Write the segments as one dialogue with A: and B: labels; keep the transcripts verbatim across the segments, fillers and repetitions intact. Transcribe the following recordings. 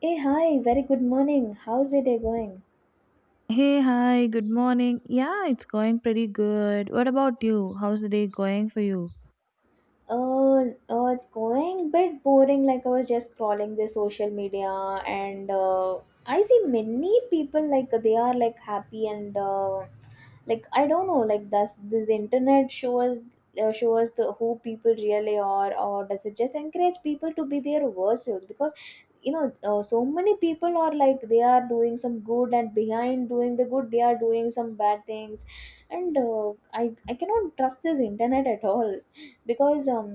A: Hey, hi, very good morning. How's your day going?
B: Hey, hi, good morning. Yeah, it's going pretty good. What about you? How's the day going for you?
A: Uh, uh, it's going bit boring. Like I was just scrolling the social media, and uh, I see many people like they are like happy and uh, like I don't know. Like does this internet show us uh, show us the who people really are, or does it just encourage people to be their worst selves? Because you know, uh, so many people are like they are doing some good, and behind doing the good, they are doing some bad things, and uh, I I cannot trust this internet at all because um,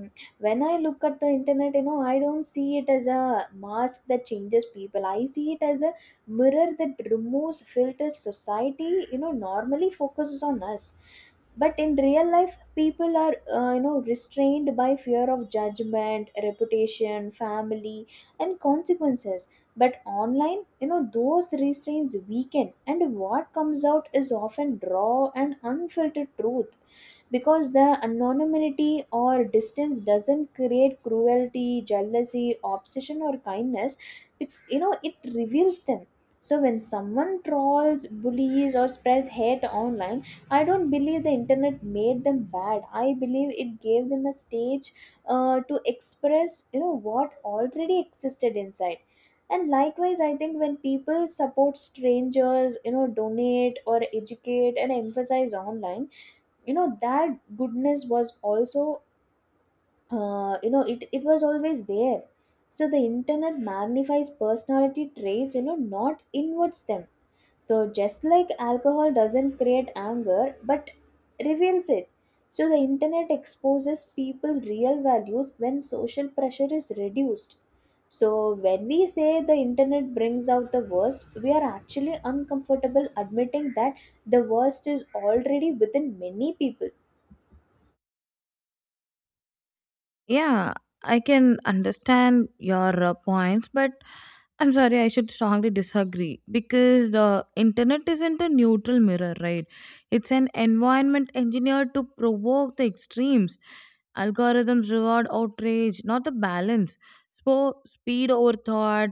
A: when I look at the internet you know I don't see it as a mask that changes people. I see it as a mirror that removes filters society you know normally focuses on us. But in real life people are uh, you know restrained by fear of judgment, reputation, family, and consequences. But online you know those restraints weaken and what comes out is often raw and unfiltered truth, because the anonymity or distance doesn't create cruelty, jealousy, obsession, or kindness. It, you know it reveals them. So when someone trolls, bullies, or spreads hate online, I don't believe the internet made them bad. I believe it gave them a stage, uh, to express you know what already existed inside. And likewise I think when people support strangers, you know, donate or educate and emphasize online, you know that goodness was also uh, you know it, it was always there. So the internet magnifies personality traits, you know, not inverts them. So just like alcohol doesn't create anger but reveals it, so the internet exposes people real values when social pressure is reduced. So when we say the internet brings out the worst, we are actually uncomfortable admitting that the worst is already within many people.
B: Yeah, I can understand your uh, points, but I'm sorry, I should strongly disagree because the internet isn't a neutral mirror, right? It's an environment engineered to provoke the extremes. Algorithms reward outrage, not the balance. So, speed over thought,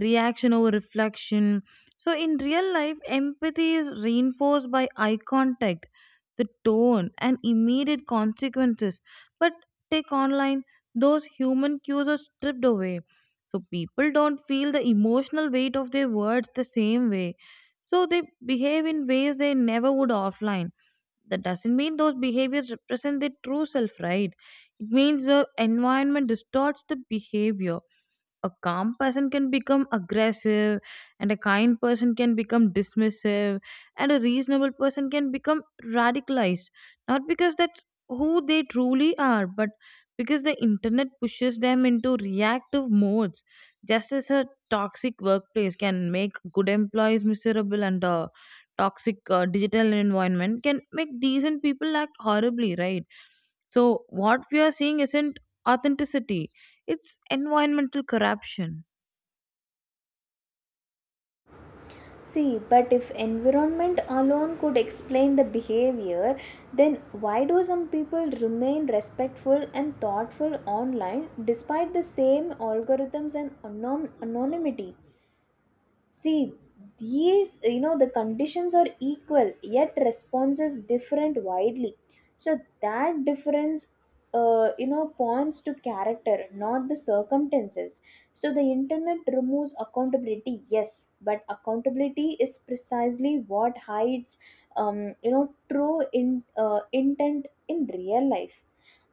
B: reaction over reflection. So, in real life, empathy is reinforced by eye contact, the tone, and immediate consequences. But take online, those human cues are stripped away. So people don't feel the emotional weight of their words the same way. So they behave in ways they never would offline. That doesn't mean those behaviors represent their true self, right? It means the environment distorts the behavior. A calm person can become aggressive, and a kind person can become dismissive, and a reasonable person can become radicalized, not because that's who they truly are, but because the internet pushes them into reactive modes, just as a toxic workplace can make good employees miserable, and a toxic uh, digital environment can make decent people act horribly, right? So what we are seeing isn't authenticity, it's environmental corruption.
A: See, but if environment alone could explain the behavior, then why do some people remain respectful and thoughtful online despite the same algorithms and anon- anonymity? See, these, you know, the conditions are equal, yet responses different widely. So that difference, uh, you know, points to character, not the circumstances. So the internet removes accountability, yes, but accountability is precisely what hides, um, you know, true in uh, intent in real life.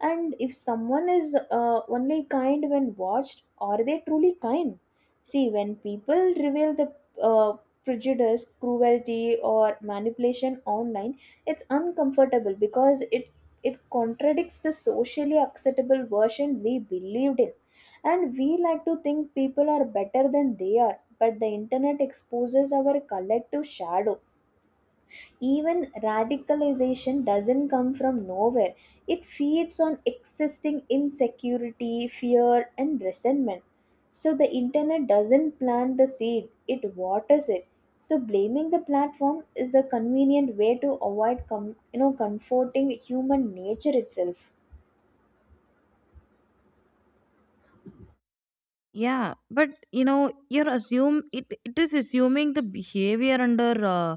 A: And if someone is uh, only kind when watched, are they truly kind? See, when people reveal the uh, prejudice, cruelty, or manipulation online, it's uncomfortable because it it contradicts the socially acceptable version we believed in. And we like to think people are better than they are, but the internet exposes our collective shadow. Even radicalization doesn't come from nowhere, it feeds on existing insecurity, fear, and resentment. So the internet doesn't plant the seed, it waters it. So blaming the platform is a convenient way to avoid com- you know comforting human nature itself.
B: Yeah, but you know, you're assume it, it is assuming the behavior under uh,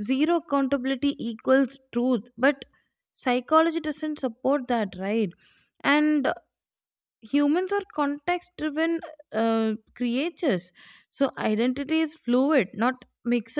B: zero accountability equals truth, but psychology doesn't support that, right? And humans are context driven uh, creatures, so identity is fluid, not mixed,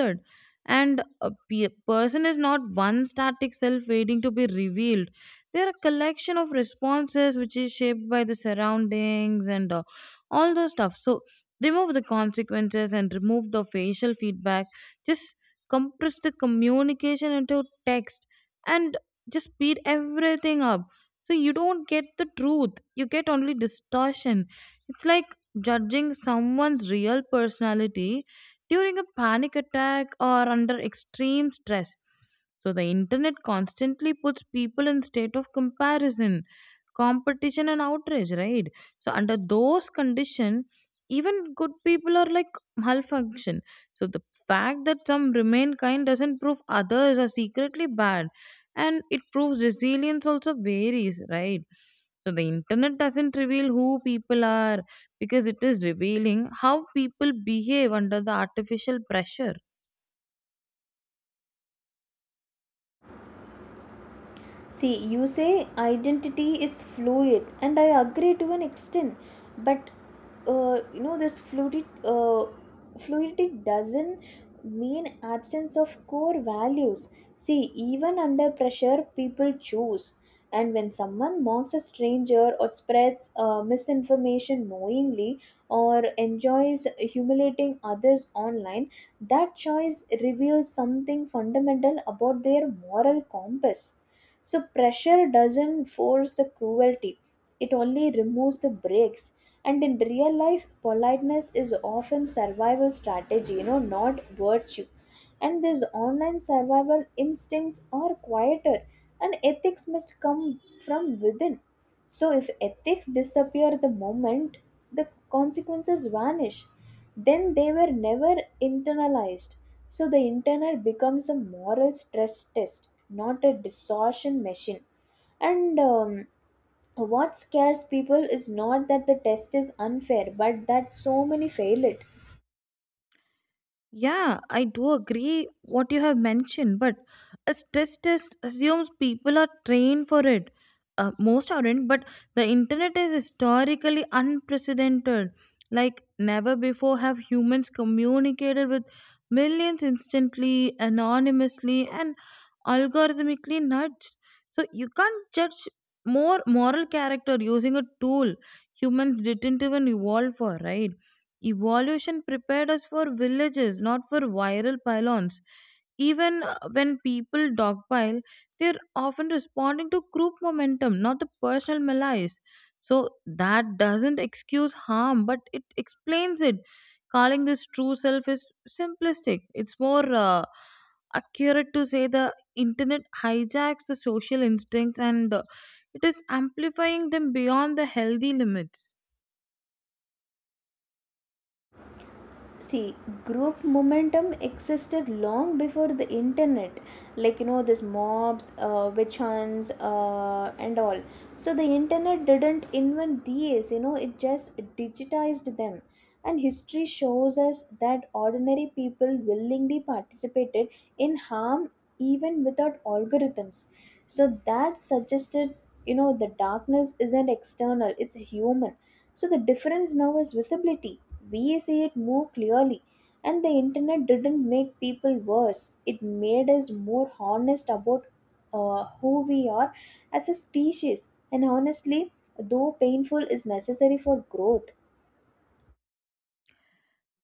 B: and a pe- person is not one static self waiting to be revealed. They are a collection of responses which is shaped by the surroundings and uh, all those stuff. So remove the consequences and remove the facial feedback, just compress the communication into text, and just speed everything up, so you don't get the truth, you get only distortion. It's like judging someone's real personality during a panic attack or under extreme stress. So the internet constantly puts people in state of comparison, competition and outrage, right? So under those conditions, even good people are like malfunction. So the fact that some remain kind doesn't prove others are secretly bad, and it proves resilience also varies, right? So the internet doesn't reveal who people are, because it is revealing how people behave under the artificial pressure.
A: See, you say identity is fluid, and I agree to an extent, but uh, you know this fluidity, uh, fluidity doesn't mean absence of core values. See, even under pressure, people choose. And when someone mocks a stranger or spreads uh, misinformation knowingly or enjoys humiliating others online, that choice reveals something fundamental about their moral compass. So pressure doesn't force the cruelty, it only removes the brakes. And in real life, politeness is often survival strategy, you know, not virtue. And these online survival instincts are quieter, and ethics must come from within. So, if ethics disappear the moment the consequences vanish, then they were never internalized. So, the internet becomes a moral stress test, not a distortion machine. And um, what scares people is not that the test is unfair, but that so many fail it.
B: Yeah, I do agree what you have mentioned, but a stress test assumes people are trained for it. Uh, most aren't, but the internet is historically unprecedented. Like never before have humans communicated with millions instantly, anonymously, and algorithmically nudged. So you can't judge more moral character using a tool humans didn't even evolve for, right? Evolution prepared us for villages, not for viral pylons. Even uh, when people dogpile, they're often responding to group momentum, not the personal malaise. So that doesn't excuse harm, but it explains it. Calling this true self is simplistic. It's more uh, accurate to say the internet hijacks the social instincts, and uh, it is amplifying them beyond the healthy limits.
A: See, group momentum existed long before the internet, like you know this mobs, uh, witch hunts, uh, and all. So the internet didn't invent these, you know, it just digitized them. And history shows us that ordinary people willingly participated in harm even without algorithms. So that suggested you know the darkness isn't external, it's human. So the difference now is visibility, we see it more clearly. And the internet didn't make people worse, it made us more honest about uh, who we are as a species. And honestly, though painful, is necessary for growth.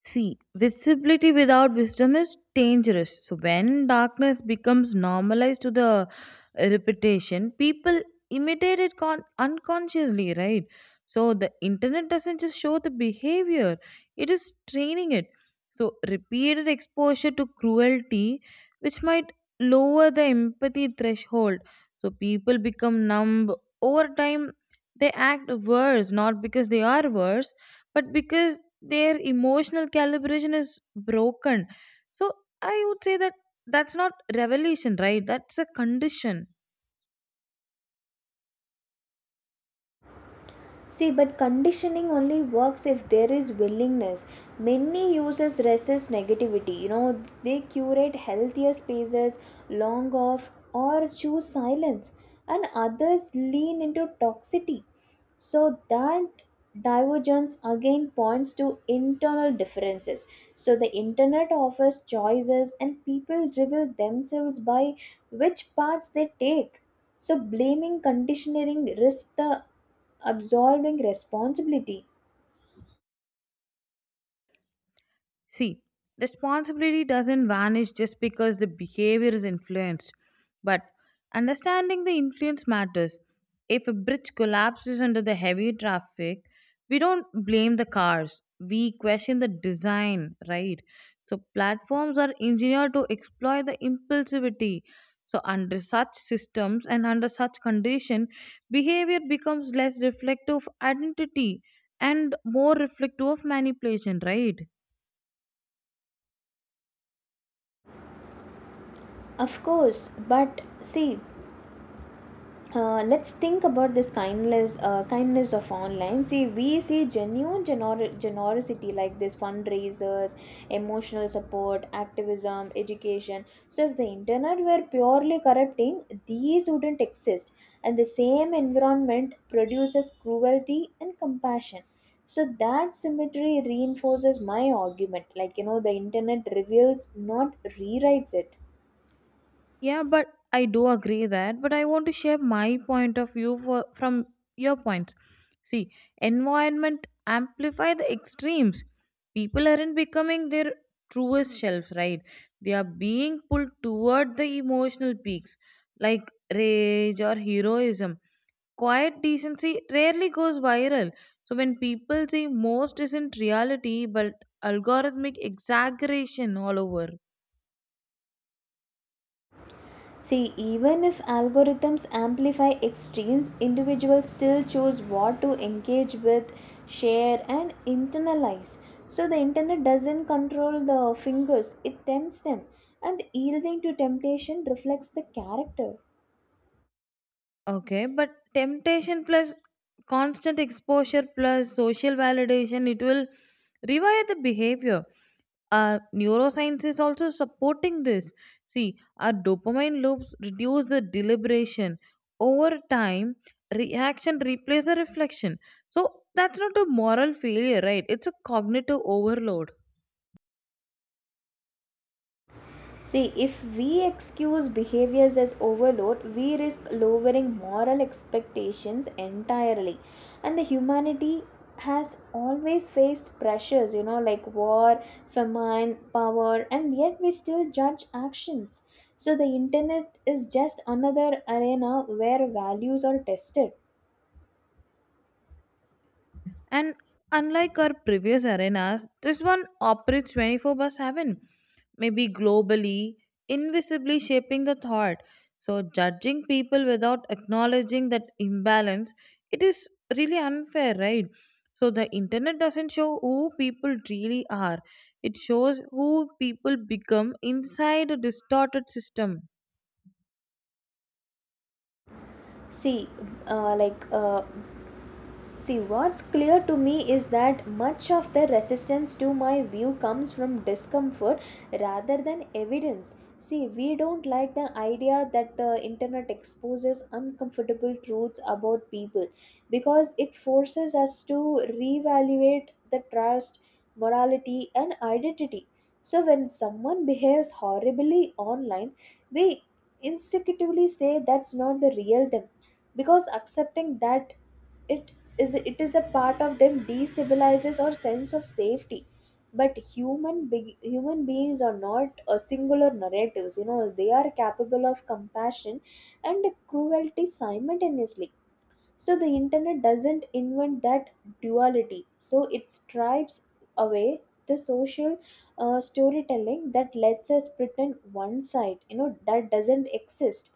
B: See, visibility without wisdom is dangerous. So, when darkness becomes normalized to the reputation, people imitate it con- unconsciously, right? So, the internet doesn't just show the behavior, it is training it. So, repeated exposure to cruelty, which might lower the empathy threshold. So, people become numb over time. They act worse, not because they are worse, but because their emotional calibration is broken. So I would say that that's not revelation, right? That's a condition.
A: See, but conditioning only works if there is willingness. Many users resist negativity. You know, they curate healthier spaces, long off, or choose silence, and others lean into toxicity. So that divergence again points to internal differences. So the internet offers choices, and people reveal themselves by which paths they take. So, blaming conditioning risks the absolving responsibility.
B: See, responsibility doesn't vanish just because the behavior is influenced, but understanding the influence matters. If a bridge collapses under the heavy traffic, we don't blame the cars. We question the design, right? So, platforms are engineered to exploit the impulsivity. So, under such systems and under such condition, behavior becomes less reflective of identity and more reflective of manipulation, right?
A: Of course, but see, uh, let's think about this kindness, uh, kindness of online. See we see genuine genor- generosity like this fundraisers, emotional support, activism, education. So if the internet were purely corrupting, these wouldn't exist. And the same environment produces cruelty and compassion. So that symmetry reinforces my argument, like you know, the internet reveals, not rewrites it.
B: Yeah, but I do agree that, but I want to share my point of view for, from your points. See, environment amplify the extremes. People aren't becoming their truest self, right? They are being pulled toward the emotional peaks, like rage or heroism. Quiet decency rarely goes viral. So when people say most isn't reality but algorithmic exaggeration all over.
A: See, even if algorithms amplify extremes, individuals still choose what to engage with, share, and internalize. So the internet doesn't control the fingers, it tempts them, and yielding to temptation reflects the character.
B: Okay, but temptation plus constant exposure plus social validation, it will rewire the behavior. Uh, neuroscience is also supporting this. See, our dopamine loops reduce the deliberation. Over time, reaction replaces the reflection. So, that's not a moral failure, right? It's a cognitive overload.
A: See, if we excuse behaviors as overload, we risk lowering moral expectations entirely. And the humanity has always faced pressures, you know, like war, famine, power, and yet we still judge actions. So the internet is just another arena where values are tested.
B: And unlike our previous arenas, this one operates twenty-four by seven, maybe globally, invisibly shaping the thought. So, judging people without acknowledging that imbalance, it is really unfair, right? So, the internet doesn't show who people really are, it shows who people become inside a distorted system.
A: See, uh, like uh, See, what's clear to me is that much of the resistance to my view comes from discomfort rather than evidence. See, we don't like the idea that the internet exposes uncomfortable truths about people because it forces us to reevaluate the trust, morality, and identity. So, when someone behaves horribly online, we instinctively say that's not the real them, because accepting that it is it is a part of them destabilizes our sense of safety. But human big human beings are not a singular narratives, you know, they are capable of compassion and cruelty simultaneously. So the internet doesn't invent that duality, so it stripes away the social uh, storytelling that lets us pretend one side you know that doesn't exist.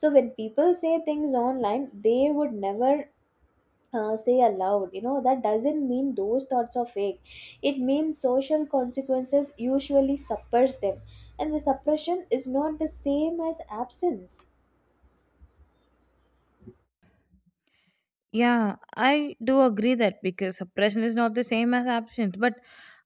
A: So when people say things online they would never uh, say aloud, you know, that doesn't mean those thoughts are fake. It means social consequences usually suppress them, and the suppression is not the same as absence.
B: Yeah, I do agree that, because suppression is not the same as absence, but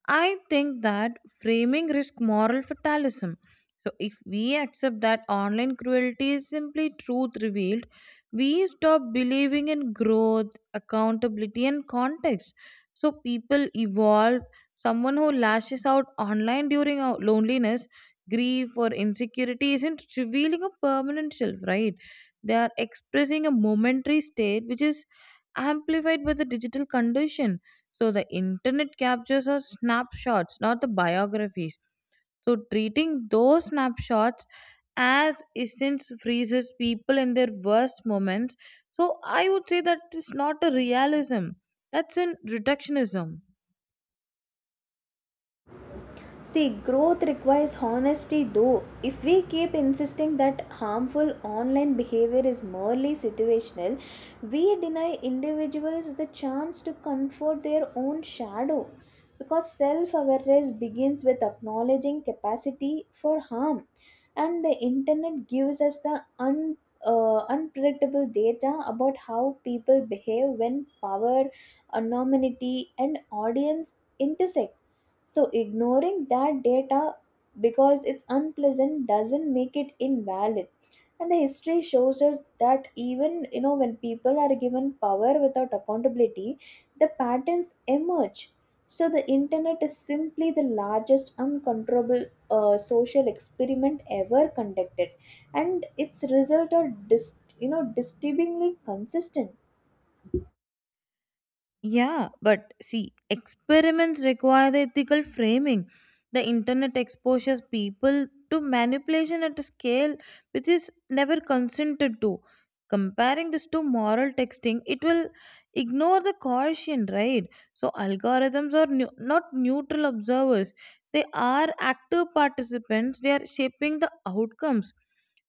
B: I think that framing risk moral fatalism. So, if we accept that online cruelty is simply truth revealed, we stop believing in growth, accountability, and context. So, people evolve. Someone who lashes out online during our loneliness, grief, or insecurity isn't revealing a permanent self, right? They are expressing a momentary state which is amplified by the digital condition. So the internet captures are snapshots, not the biographies. So treating those snapshots as essence freezes people in their worst moments. So I would say that is not a realism. That's in reductionism.
A: See, growth requires honesty though. If we keep insisting that harmful online behavior is merely situational, we deny individuals the chance to comfort their own shadow. Because self awareness begins with acknowledging capacity for harm, and the internet gives us the un, uh, unpredictable data about how people behave when power, anonymity, and audience intersect. So, ignoring that data because it's unpleasant doesn't make it invalid. And the history shows us that even you know when people are given power without accountability, the patterns emerge. So the internet is simply the largest uncontrollable uh, social experiment ever conducted, and its results are dis- you know disturbingly consistent.
B: Yeah, but see, experiments require the ethical framing. The internet exposes people to manipulation at a scale which is never consented to. Comparing this to moral texting, it will ignore the caution, right? So, algorithms are neu- not neutral observers, they are active participants, they are shaping the outcomes.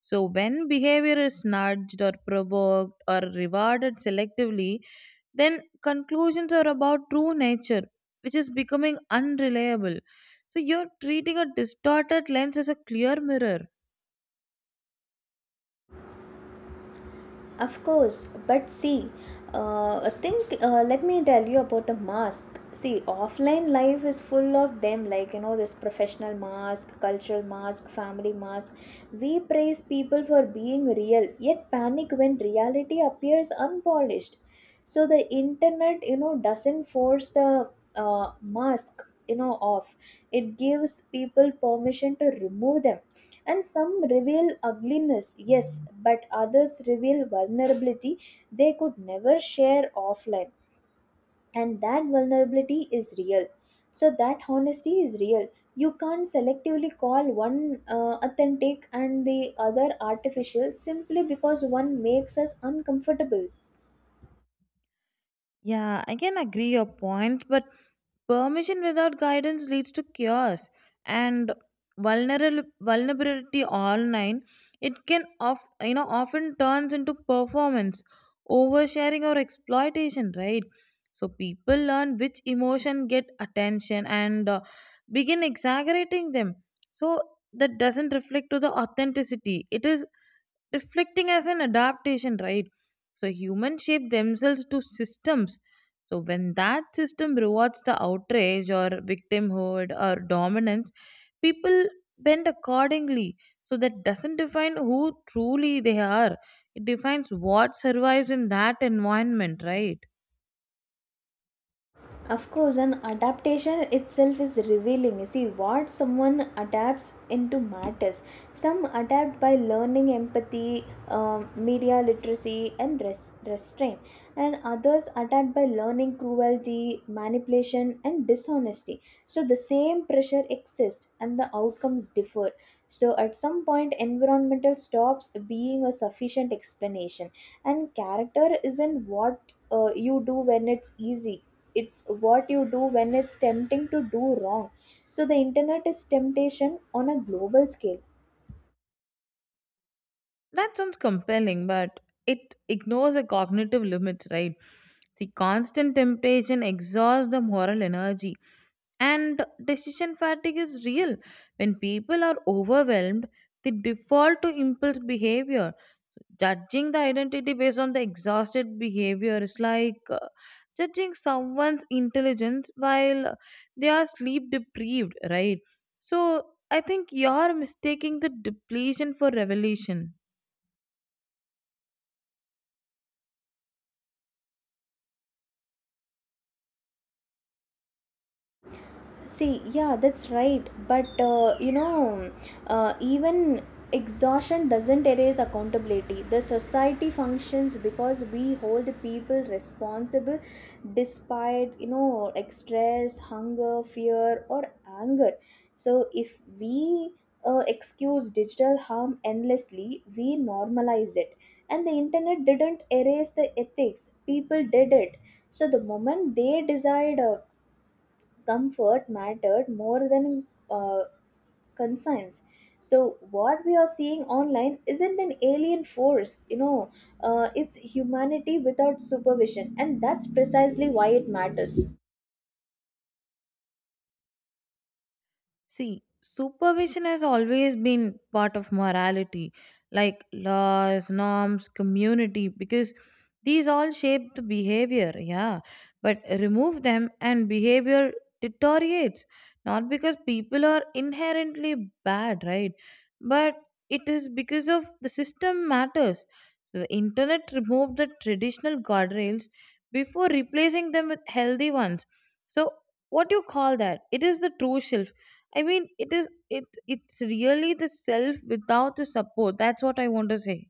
B: So, when behavior is nudged or provoked or rewarded selectively, then conclusions are about true nature which is becoming unreliable. So you're treating a distorted lens as a clear mirror.
A: Of course, but see, uh, think. Uh, let me tell you about the mask. See, offline life is full of them, like you know, this professional mask, cultural mask, family mask. We praise people for being real, yet panic when reality appears unpolished. So the internet, you know, doesn't force the uh, mask, you know, off. It gives people permission to remove them, and some reveal ugliness, yes, but others reveal vulnerability they could never share offline. And that vulnerability is real. So, that honesty is real. You can't selectively call one uh, authentic and the other artificial simply because one makes us uncomfortable.
B: Yeah, I can agree your point, but permission without guidance leads to chaos, and vulnerable vulnerability online. It can of you know often turns into performance, oversharing or exploitation, right? So people learn which emotion get attention, and uh, begin exaggerating them. So that doesn't reflect to the authenticity. It is reflecting as an adaptation, right? So humans shape themselves to systems. So when that system rewards the outrage or victimhood or dominance, people bend accordingly. So that doesn't define who truly they are. It defines what survives in that environment, right?
A: Of course, an adaptation itself is revealing. You see, what someone adapts into matters. Some adapt by learning empathy, um, media literacy, and res- restraint, and others adapt by learning cruelty, manipulation, and dishonesty. So, the same pressure exists, and the outcomes differ. So, at some point, environmental stops being a sufficient explanation, and character isn't what uh, you do when it's easy, it's what you do when it's tempting to do wrong. So the internet is temptation on a global scale.
B: That sounds compelling, but it ignores the cognitive limits, right? The constant temptation exhausts the moral energy, and decision fatigue is real. When people are overwhelmed, they default to impulse behavior. Judging the identity based on the exhausted behavior is like uh, judging someone's intelligence while they are sleep deprived, right? So I think you're mistaking the depletion for revelation.
A: See, yeah, that's right. But uh, you know, uh, even exhaustion doesn't erase accountability. The society functions because we hold people responsible despite, you know, like stress, hunger, fear, or anger. So if we uh, excuse digital harm endlessly, we normalize it. And the internet didn't erase the ethics, people did it. So the moment they decide, uh, comfort mattered more than uh, conscience. So what we are seeing online isn't an alien force, you know, uh, it's humanity without supervision, and that's precisely why it matters.
B: See, supervision has always been part of morality, like laws, norms, community, because these all shape the behavior, yeah. But remove them and behavior deteriorates, not because people are inherently bad, right? But it is because of the system matters. So the internet removed the traditional guardrails before replacing them with healthy ones. So what do you call that? It is the true self. I mean, it is it it's really the self without the support. That's what I want to say.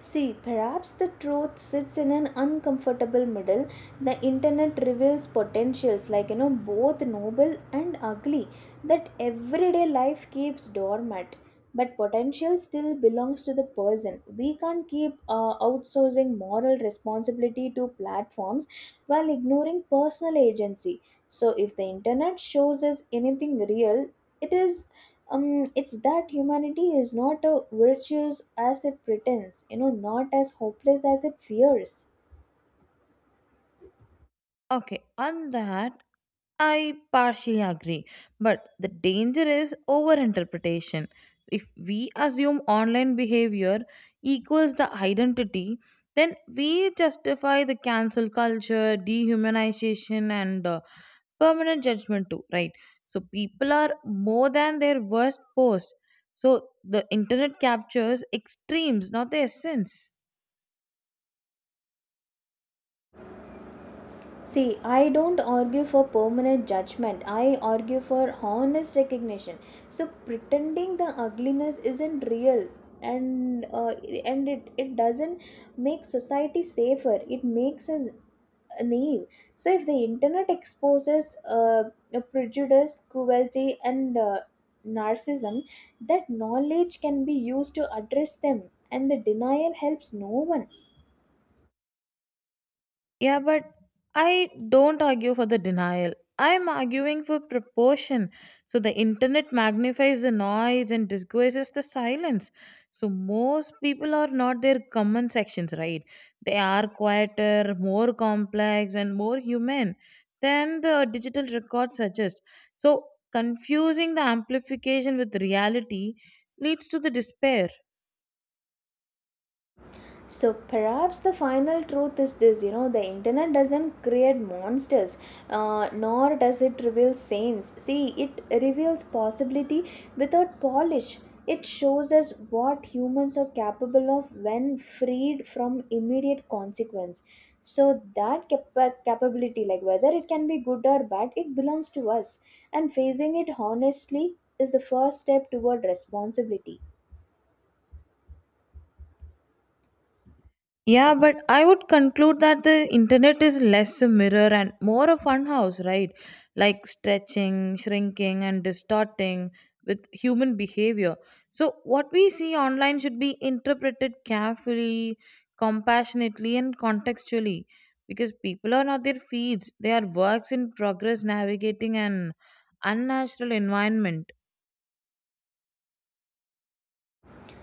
A: See, perhaps the truth sits in an uncomfortable middle. The internet reveals potentials, like, you know, both noble and ugly, that everyday life keeps dormant. But potential still belongs to the person. We can't keep uh, outsourcing moral responsibility to platforms while ignoring personal agency. So, if the internet shows us anything real, it is um it's that humanity is not as virtuous as it pretends, you know, not as hopeless as it fears.
B: Okay, on that I partially agree, but the danger is overinterpretation. If we assume online behavior equals the identity, then we justify the cancel culture, dehumanization, and uh, permanent judgment too, right? So people are more than their worst post. So the internet captures extremes, not the essence.
A: See, I don't argue for permanent judgment, I argue for honest recognition. So pretending the ugliness isn't real and uh, and it, it doesn't make society safer, it makes us uh, naive. So if the internet exposes uh, a prejudice, cruelty, and uh, narcissism, that knowledge can be used to address them, and the denial helps no one.
B: Yeah, but I don't argue for the denial. I'm arguing for proportion. So the internet magnifies the noise and disguises the silence. So most people are not their common sections, right? They are quieter, more complex, and more human than the digital record suggests. So confusing the amplification with reality leads to the despair.
A: So perhaps the final truth is this, you know, the internet doesn't create monsters, uh, nor does it reveal saints. See, it reveals possibility without polish. It shows us what humans are capable of when freed from immediate consequence. So that capa- capability, like whether it can be good or bad, it belongs to us, and facing it honestly is the first step toward responsibility.
B: Yeah, but I would conclude that the internet is less a mirror and more a funhouse, right? Like stretching, shrinking, and distorting with human behavior. So, what we see online should be interpreted carefully, compassionately, and contextually, because people are not their feeds, they are works in progress navigating an unnatural environment.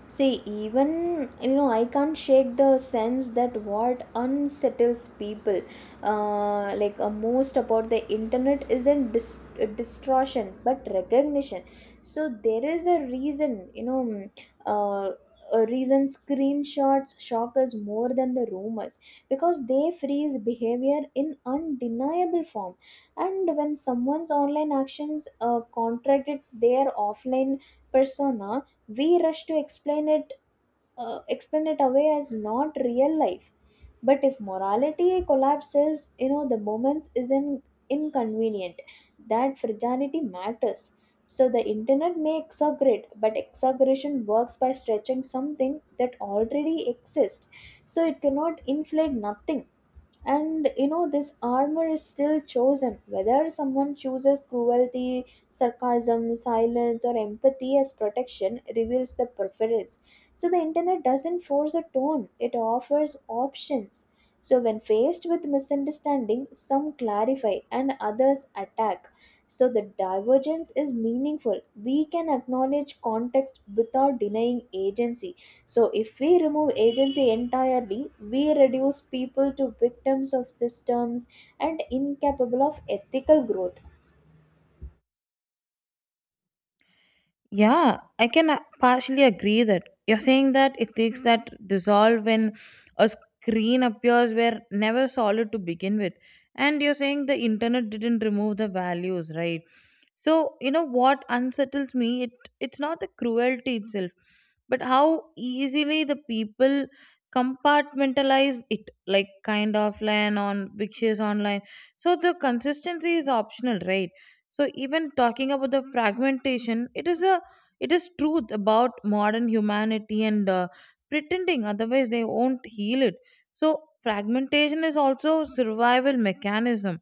A: See, even, you know, I can't shake the sense that what unsettles people, uh, like uh, most about the internet, isn't dis- uh, distortion but recognition. So there is a reason, you know, mm, uh, a reason screenshots shock us more than the rumors because they freeze behavior in undeniable form. And when someone's online actions uh, contradict their offline persona, we rush to explain it, uh, explain it away as not real life. But if morality collapses, you know, the moments isn't inconvenient, that fragility matters. So the internet may exaggerate, but exaggeration works by stretching something that already exists, so it cannot inflate nothing. And, you know, this armor is still chosen. Whether someone chooses cruelty, sarcasm, silence, or empathy as protection reveals the preference. So the internet doesn't force a tone, it offers options. So when faced with misunderstanding, some clarify and others attack. So the divergence is meaningful. We can acknowledge context without denying agency. So if we remove agency entirely, we reduce people to victims of systems and incapable of ethical growth.
B: Yeah, I can uh, partially agree that. You're saying that ethics that dissolve when a screen appears were never solid to begin with. And you're saying the internet didn't remove the values, right? So, you know what unsettles me? It it's not the cruelty itself, but how easily the people compartmentalize it, like kind of land on Vixis online. So the consistency is optional, right? So even talking about the fragmentation, it is a it is truth about modern humanity, and uh, pretending otherwise they won't heal it. So fragmentation is also survival mechanism.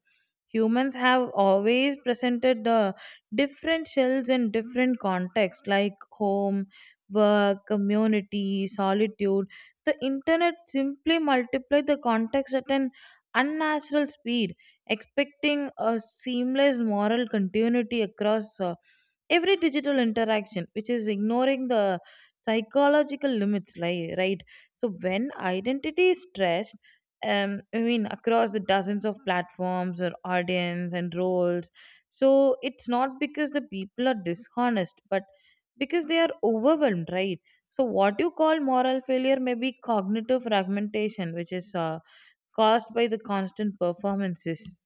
B: Humans have always presented uh, different shells in different contexts like home, work, community, solitude. The internet simply multiply the context at an unnatural speed, expecting a seamless moral continuity across uh, every digital interaction, which is ignoring the psychological limits, right right. So when identity is stressed, um, I mean across the dozens of platforms or audience and roles, so it's not because the people are dishonest, but because they are overwhelmed, right? So what you call moral failure may be cognitive fragmentation, which is uh, caused by the constant performances.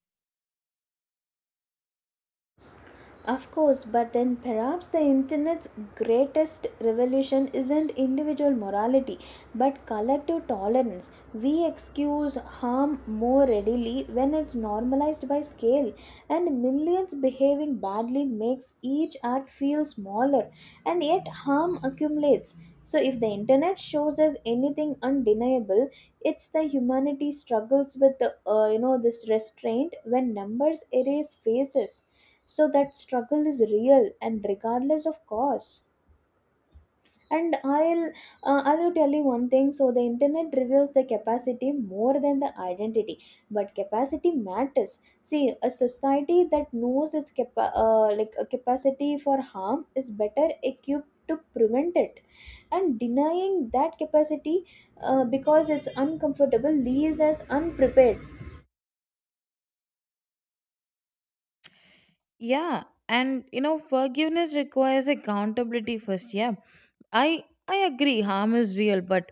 A: Of course, but then perhaps the internet's greatest revolution isn't individual morality but collective tolerance. We excuse harm more readily when it's normalized by scale, and millions behaving badly makes each act feel smaller, and yet harm accumulates. So, if the internet shows us anything undeniable, it's the humanity struggles with the, uh, you know, this restraint when numbers erase faces. So that struggle is real and regardless of cost. And i'll uh, I'll tell you one thing. So the internet reveals the capacity more than the identity, but capacity matters. See, a society that knows its capa- uh, like a capacity for harm is better equipped to prevent it, and denying that capacity, uh, because it's uncomfortable, leaves us unprepared.
B: Yeah, and you know forgiveness requires accountability first. Yeah, i i agree harm is real, but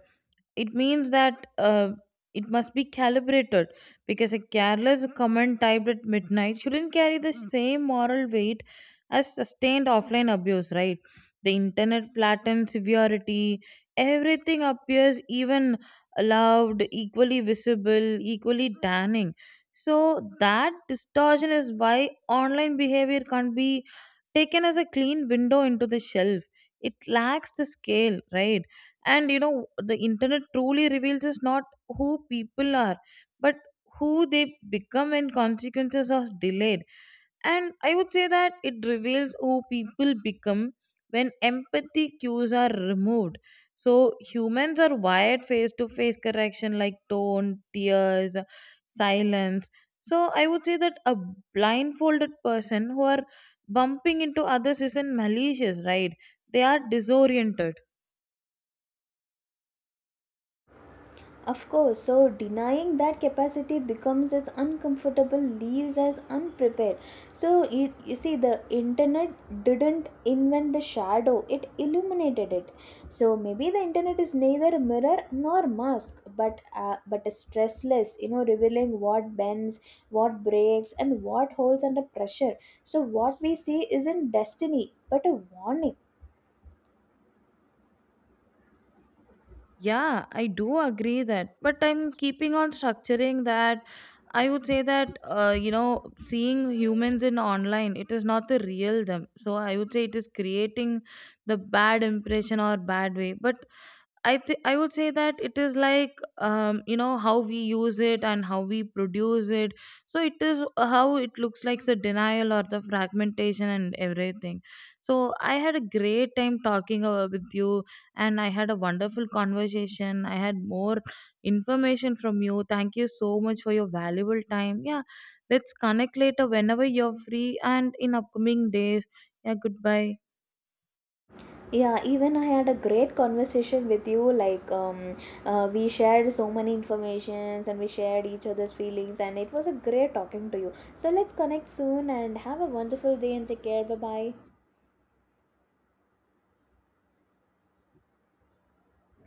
B: it means that uh, it must be calibrated, because a careless comment typed at midnight shouldn't carry the same moral weight as sustained offline abuse, right? The internet flattens severity, everything appears even loud, equally visible, equally damning. So, that distortion is why online behavior can't be taken as a clean window into the shelf. It lacks the scale, right? And you know the internet truly reveals us, not who people are, but who they become when consequences are delayed. And I would say that it reveals who people become when empathy cues are removed. So humans are wired face to face correction, like tone, tears, silence. So I would say that a blindfolded person who are bumping into others isn't malicious, right? They are disoriented.
A: Of course, so denying that capacity becomes as uncomfortable, leaves as unprepared. So, you, you see, the internet didn't invent the shadow, it illuminated it. So, maybe the internet is neither a mirror nor mask, but, uh, but a stressless, you know, revealing what bends, what breaks, and what holds under pressure. So, what we see isn't destiny, but a warning.
B: Yeah, I do agree that, but I'm keeping on structuring that. I would say that uh, you know, seeing humans in online, it is not the real them. So I would say it is creating the bad impression or bad way. But I th- I would say that it is like um, you know how we use it and how we produce it. So it is how it looks like the denial or the fragmentation and everything. So I had a great time talking uh, with you, and I had a wonderful conversation. I had more information from you. Thank you so much for your valuable time. Yeah, let's connect later whenever you're free and in upcoming days. Yeah, goodbye.
A: Yeah, even I had a great conversation with you. Like, um, uh, we shared so many informations, and we shared each other's feelings, and it was a great talking to you. So, let's connect soon and have a wonderful day and take care. Bye bye.